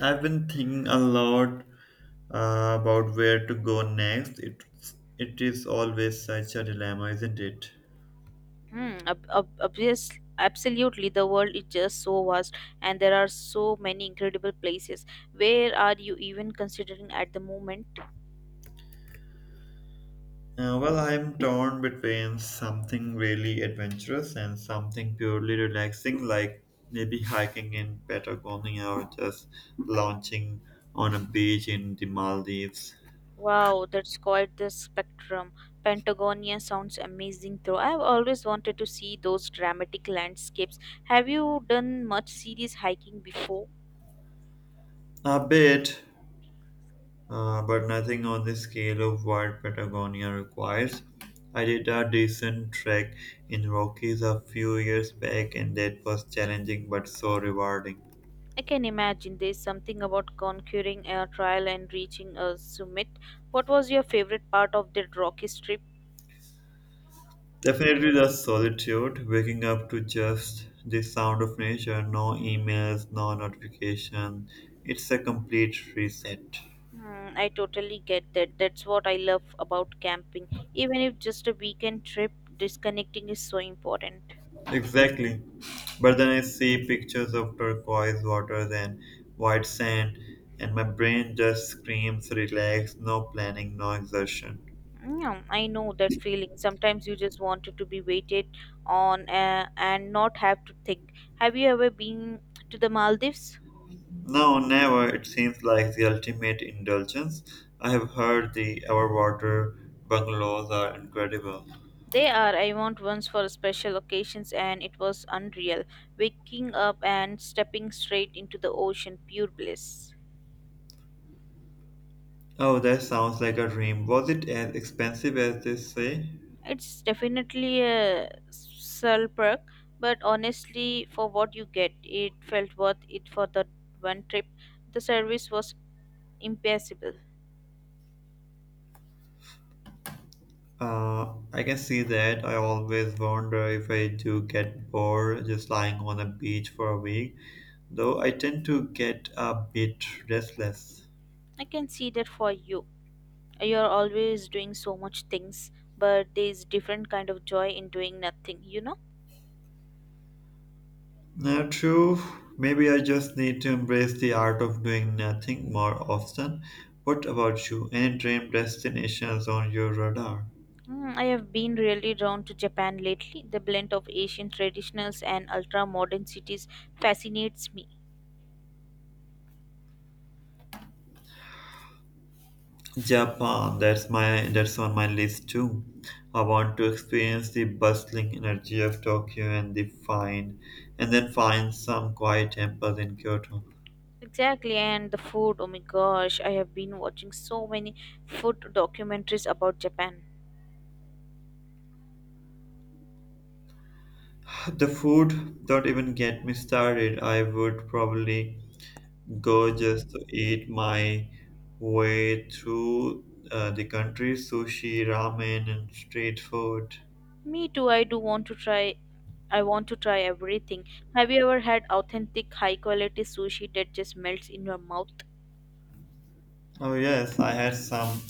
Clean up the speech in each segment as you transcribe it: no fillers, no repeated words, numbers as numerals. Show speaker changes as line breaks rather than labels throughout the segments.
I've been thinking a lot about where to go next. It is always such a dilemma, isn't it?
Obvious, absolutely. The world is just so vast, and there are so many incredible places. Where are you even considering at the moment?
Well, I'm torn between something really adventurous and something purely relaxing, like maybe hiking in Patagonia or just launching on a beach in the Maldives.
Wow, that's quite the spectrum. Patagonia sounds amazing, though. I've always wanted to see those dramatic landscapes. Have you done much serious hiking before?
A bit, but nothing on the scale of what Patagonia requires. I did a decent trek in Rockies a few years back, and that was challenging but so rewarding.
I can imagine there's something about conquering a trial and reaching a summit. What was your favorite part of that rocky trip?
Definitely the solitude, waking up to just the sound of nature, no emails, no notification. It's a complete reset.
Hmm, I totally get that. That's what I love about camping. Even if just a weekend trip, disconnecting is so important.
Exactly. But then I see pictures of turquoise waters and white sand, and my brain just screams relax, no planning, no exertion.
Yeah, I know that feeling. Sometimes you just wanted to be waited on and not have to think. Have you ever been to the Maldives?
No, never. It seems like the ultimate indulgence. I have heard the our water bungalows are incredible.
They are. I went once for special occasions and it was unreal. Waking up and stepping straight into the ocean, pure bliss.
Oh, that sounds like a dream. Was it as expensive as they say?
It's definitely a sell perk, but honestly, for what you get, it felt worth it for that one trip. The service was impeccable.
I can see that. I always wonder if I do get bored just lying on a beach for a week, though I tend to get a bit restless.
I can see that for you. You're always doing so much things, but there's different kind of joy in doing nothing.
Now, true, maybe I just need to embrace the art of doing nothing more often. What about you? Any dream destinations on your radar?
Mm, I have been really drawn to Japan lately. The blend of Asian traditionals and ultra modern cities fascinates me.
Japan, that's on my list too. I want to experience the bustling energy of Tokyo and then find some quiet temples in Kyoto.
Exactly, and the food, oh my gosh, I have been watching so many food documentaries about Japan.
The food, don't even get me started. I would probably go just to eat my way through, the country, sushi, ramen and street food.
Me too, I want to try everything. Have you ever had authentic high quality sushi that just melts in your mouth?
Oh, yes, I had some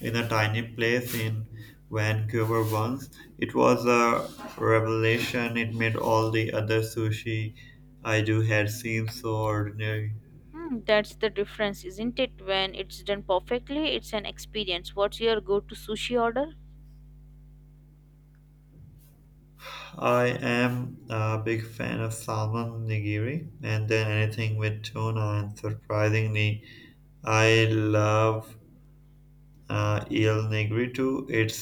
in a tiny place in Vancouver once. It was a revelation. It made all the other sushi I do had seem so ordinary.
Hmm, that's the difference, isn't it? When it's done perfectly, it's an experience. What's your go-to sushi order?
I am a big fan of salmon nigiri and then anything with tuna, and surprisingly, I love, eel nigiri too. It's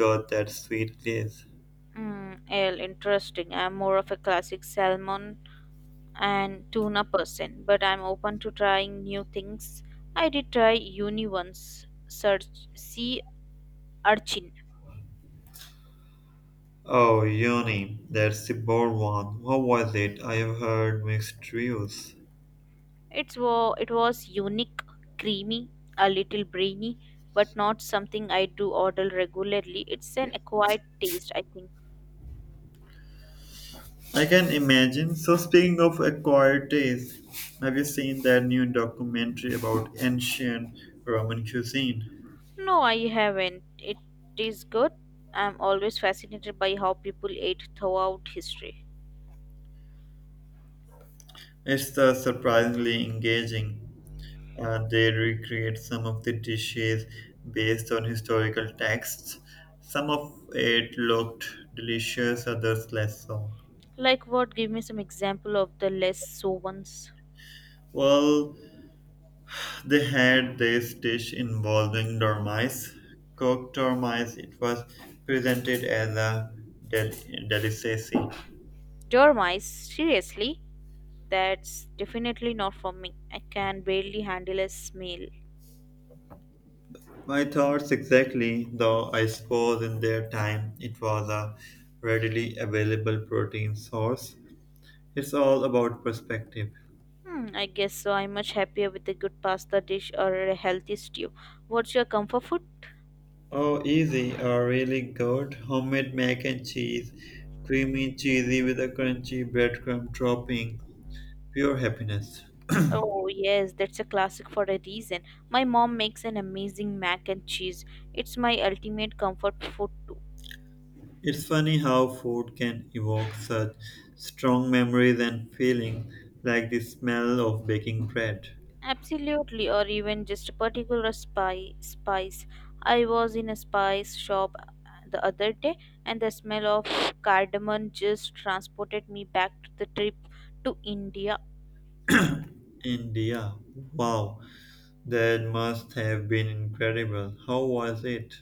got that sweet taste.
Hmm, L, interesting. I'm more of a classic salmon and tuna person, but I'm open to trying new things. I did try uni once, search sea urchin.
Oh, Yoni, that's the bold one. What was it? I have heard mixed reviews.
It was unique, creamy, a little brainy, but not something I do order regularly. It's an acquired taste, I think.
I can imagine. So, speaking of acquired taste, have you seen that new documentary about ancient Roman cuisine?
No, I haven't. It is good. I'm always fascinated by how people ate throughout history.
It's, surprisingly engaging. They recreate some of the dishes based on historical texts. Some of it looked delicious, others less so.
Like what? Give me some example of the less so ones.
Well, they had this dish involving dormice, cooked dormice. It was presented as a del- delicacy.
Dormice, seriously? That's definitely not for me. I can barely handle a meal.
My thoughts exactly, though I suppose in their time it was a readily available protein source. It's all about perspective.
Hmm, I guess so. I'm much happier with a good pasta dish or a healthy stew. What's your comfort food?
Oh, easy or really good homemade mac and cheese, creamy and cheesy with a crunchy breadcrumb topping. Pure happiness.
Oh, yes, that's a classic for a reason. My mom makes an amazing mac and cheese. It's my ultimate comfort food too.
It's funny how food can evoke such strong memories and feelings, like the smell of baking bread.
Absolutely, or even just a particular spy spice. I was in a spice shop the other day, and the smell of cardamom just transported me back to the trip to India.
India. Wow, that must have been incredible. How was it?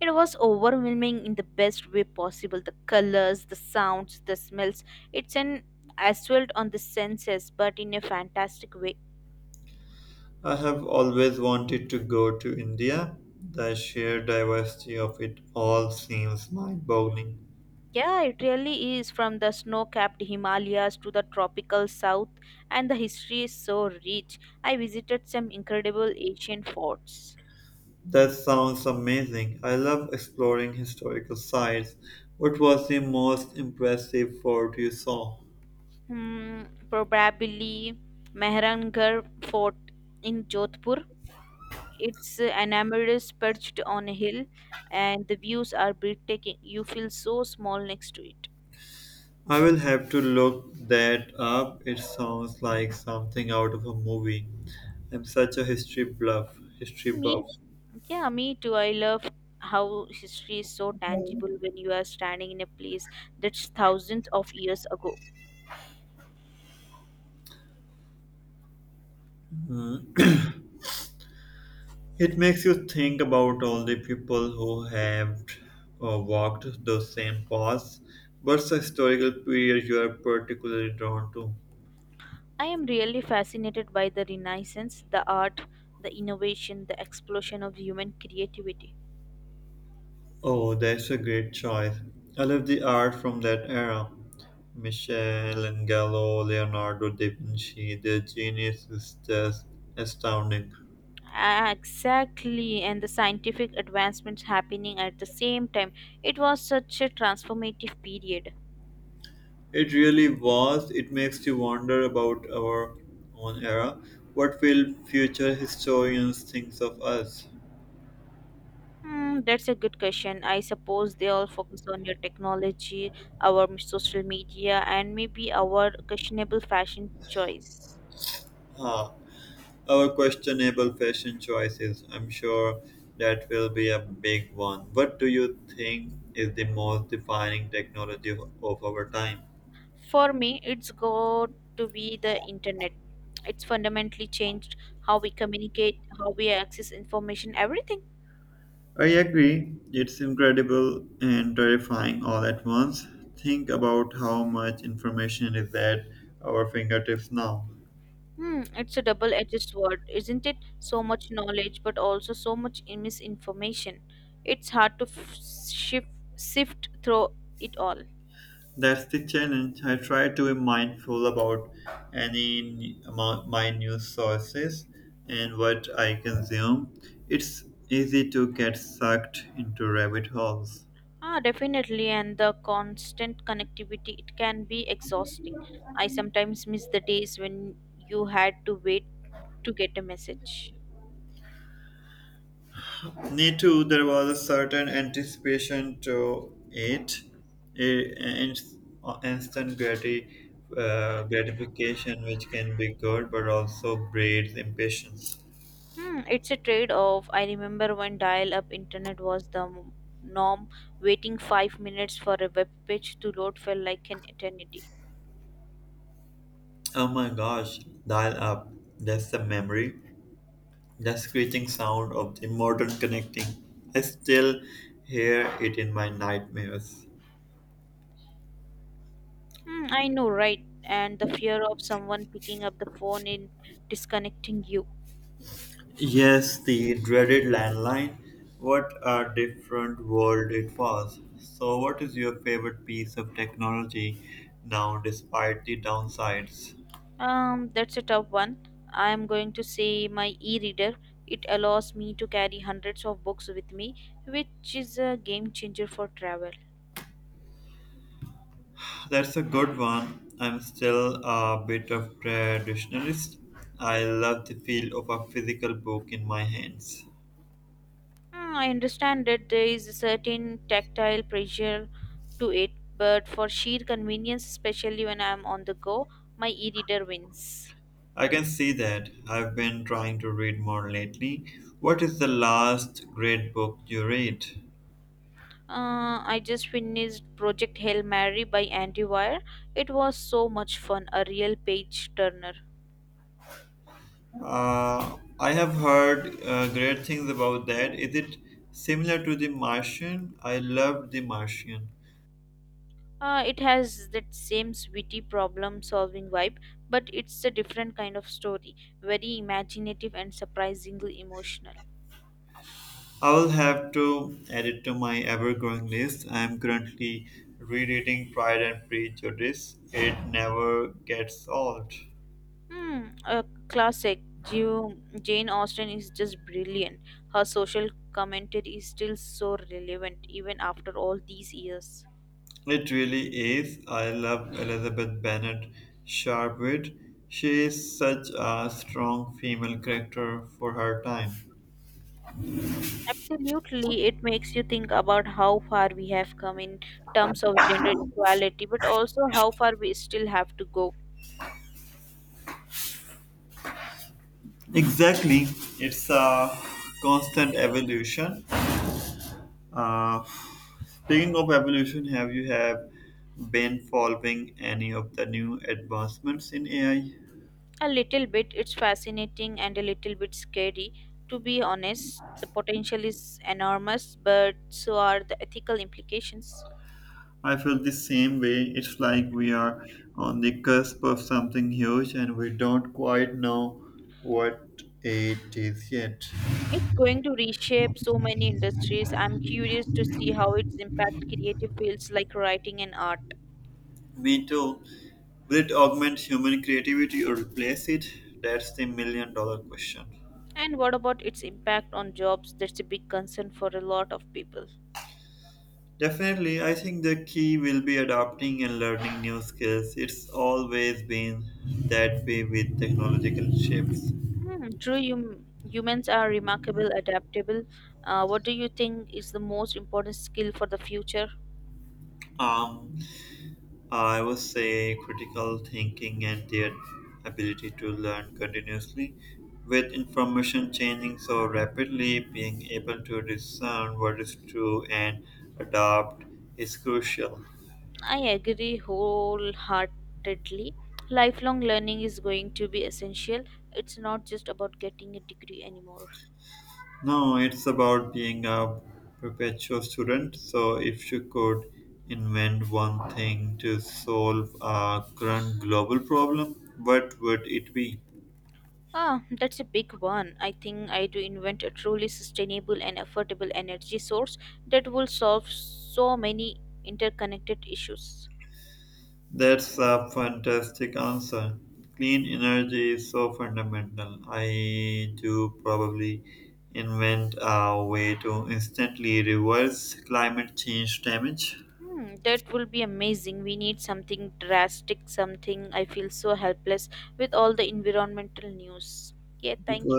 It was overwhelming in the best way possible. The colors, the sounds, the smells. It's an assault on the senses, but in a fantastic way.
I have always wanted to go to India. The sheer diversity of it all seems mind boggling.
Yeah, it really is from the snow capped Himalayas to the tropical south, and the history is so rich. I visited some incredible ancient forts.
That sounds amazing. I love exploring historical sites. What was the most impressive fort you saw?
Hmm, probably Mehrangarh Fort in Jodhpur. It's an amethyst perched on a hill, and the views are breathtaking. You feel so small next to it.
I will have to look that up. It sounds like something out of a movie. I'm such a history buff.
Me, yeah, me too. I love how history is so tangible when you are standing in a place that's thousands of years ago.
It makes you think about all the people who have, walked those same paths. What's the historical period you are particularly drawn to?
I am really fascinated by the Renaissance, the art, the innovation, the explosion of human creativity.
Oh, that's a great choice. I love the art from that era. Michelangelo, Leonardo da Vinci, their genius is just astounding.
Ah, exactly, and the scientific advancements happening at the same time. It was such a transformative period.
It really was. It makes you wonder about our own era. What will future historians think of us?
Hmm, that's a good question. I suppose they all focus on your technology, our social media, and maybe our questionable fashion choice.
Ah, our questionable fashion choices. I'm sure that will be a big one. What do you think is the most defining technology of our time?
For me, it's got to be the internet. It's fundamentally changed how we communicate, how we access information, everything.
I agree. It's incredible and terrifying all at once. Think about how much information is at our fingertips now.
Hmm, it's a double edged sword, isn't it? So much knowledge, but also so much misinformation. It's hard to sift through it all.
That's the challenge. I try to be mindful about any amount my news sources and what I consume. It's easy to get sucked into rabbit holes.
Ah, definitely, and the constant connectivity, it can be exhausting. I sometimes miss the days when you had to wait to get a message.
Me too. There was a certain anticipation to it, and instant gratification, which can be good, but also breeds impatience.
Hmm, it's a trade-off. I remember when dial-up internet was the norm, waiting 5 minutes for a web page to load felt like an eternity.
Oh my gosh! Dial up. That's the memory. The screeching sound of the modern connecting. I still hear it in my nightmares.
Hmm, I know, right? And the fear of someone picking up the phone and disconnecting you.
Yes, the dreaded landline. What a different world it was. So, what is your favorite piece of technology now, despite the downsides?
That's a tough one. I am going to say my e-reader. It allows me to carry hundreds of books with me, which is a game changer for travel.
That's a good one. I'm still a bit of traditionalist. I love the feel of a physical book in my hands.
Hmm, I understand that there is a certain tactile pressure to it, but for sheer convenience, especially when I am on the go, my e reader wins.
I can see that. I've been trying to read more lately. What is the last great book you read?
I just finished Project Hail Mary by Andy Weir. It was so much fun, a real page turner.
I have heard, great things about that. Is it similar to The Martian? I loved The Martian.
It has that same witty problem solving vibe, but it's a different kind of story, very imaginative and surprisingly emotional.
I will have to add it to my ever growing list. I am currently rereading Pride and Prejudice. It never gets old.
Hmm, a classic. Ju- Jane Austen is just brilliant. Her social commentary is still so relevant even after all these years.
It really is. I love Elizabeth Bennet Sharpwit. She is such a strong female character for her time.
Absolutely, it makes you think about how far we have come in terms of gender equality, but also how far we still have to go.
Exactly. It's a constant evolution. Uh, Speaking of evolution, have you have been following any of the new advancements in AI?
A little bit, it's fascinating and a little bit scary. To be honest, the potential is enormous, but so are the ethical implications.
I feel the same way. It's like we are on the cusp of something huge and we don't quite know what it is yet.
It's going to reshape so many industries. I'm curious to see how its impact creative fields like writing and art.
Me too. Will it augment human creativity or replace it? That's the million dollar question.
And what about its impact on jobs? That's a big concern for a lot of people.
Definitely, I think the key will be adapting and learning new skills. It's always been that way with technological shifts.
Hmm, true, humans are remarkable, adaptable. What do you think is the most important skill for the future?
Um, I would say critical thinking and their ability to learn continuously. With information changing so rapidly, being able to discern what is true and adapt is crucial.
I agree wholeheartedly. Lifelong learning is going to be essential. It's not just about getting a degree anymore.
No, it's about being a perpetual student. So, if you could invent one thing to solve a current global problem, what would it be?
Ah, that's a big one. I think I do invent a truly sustainable and affordable energy source that will solve so many interconnected issues.
That's a fantastic answer. Clean energy is so fundamental. I do probably invent a way to instantly reverse climate change damage
Hmm, that will be amazing. We need something drastic, something I feel so helpless with all the environmental news. Yeah, thank you.
because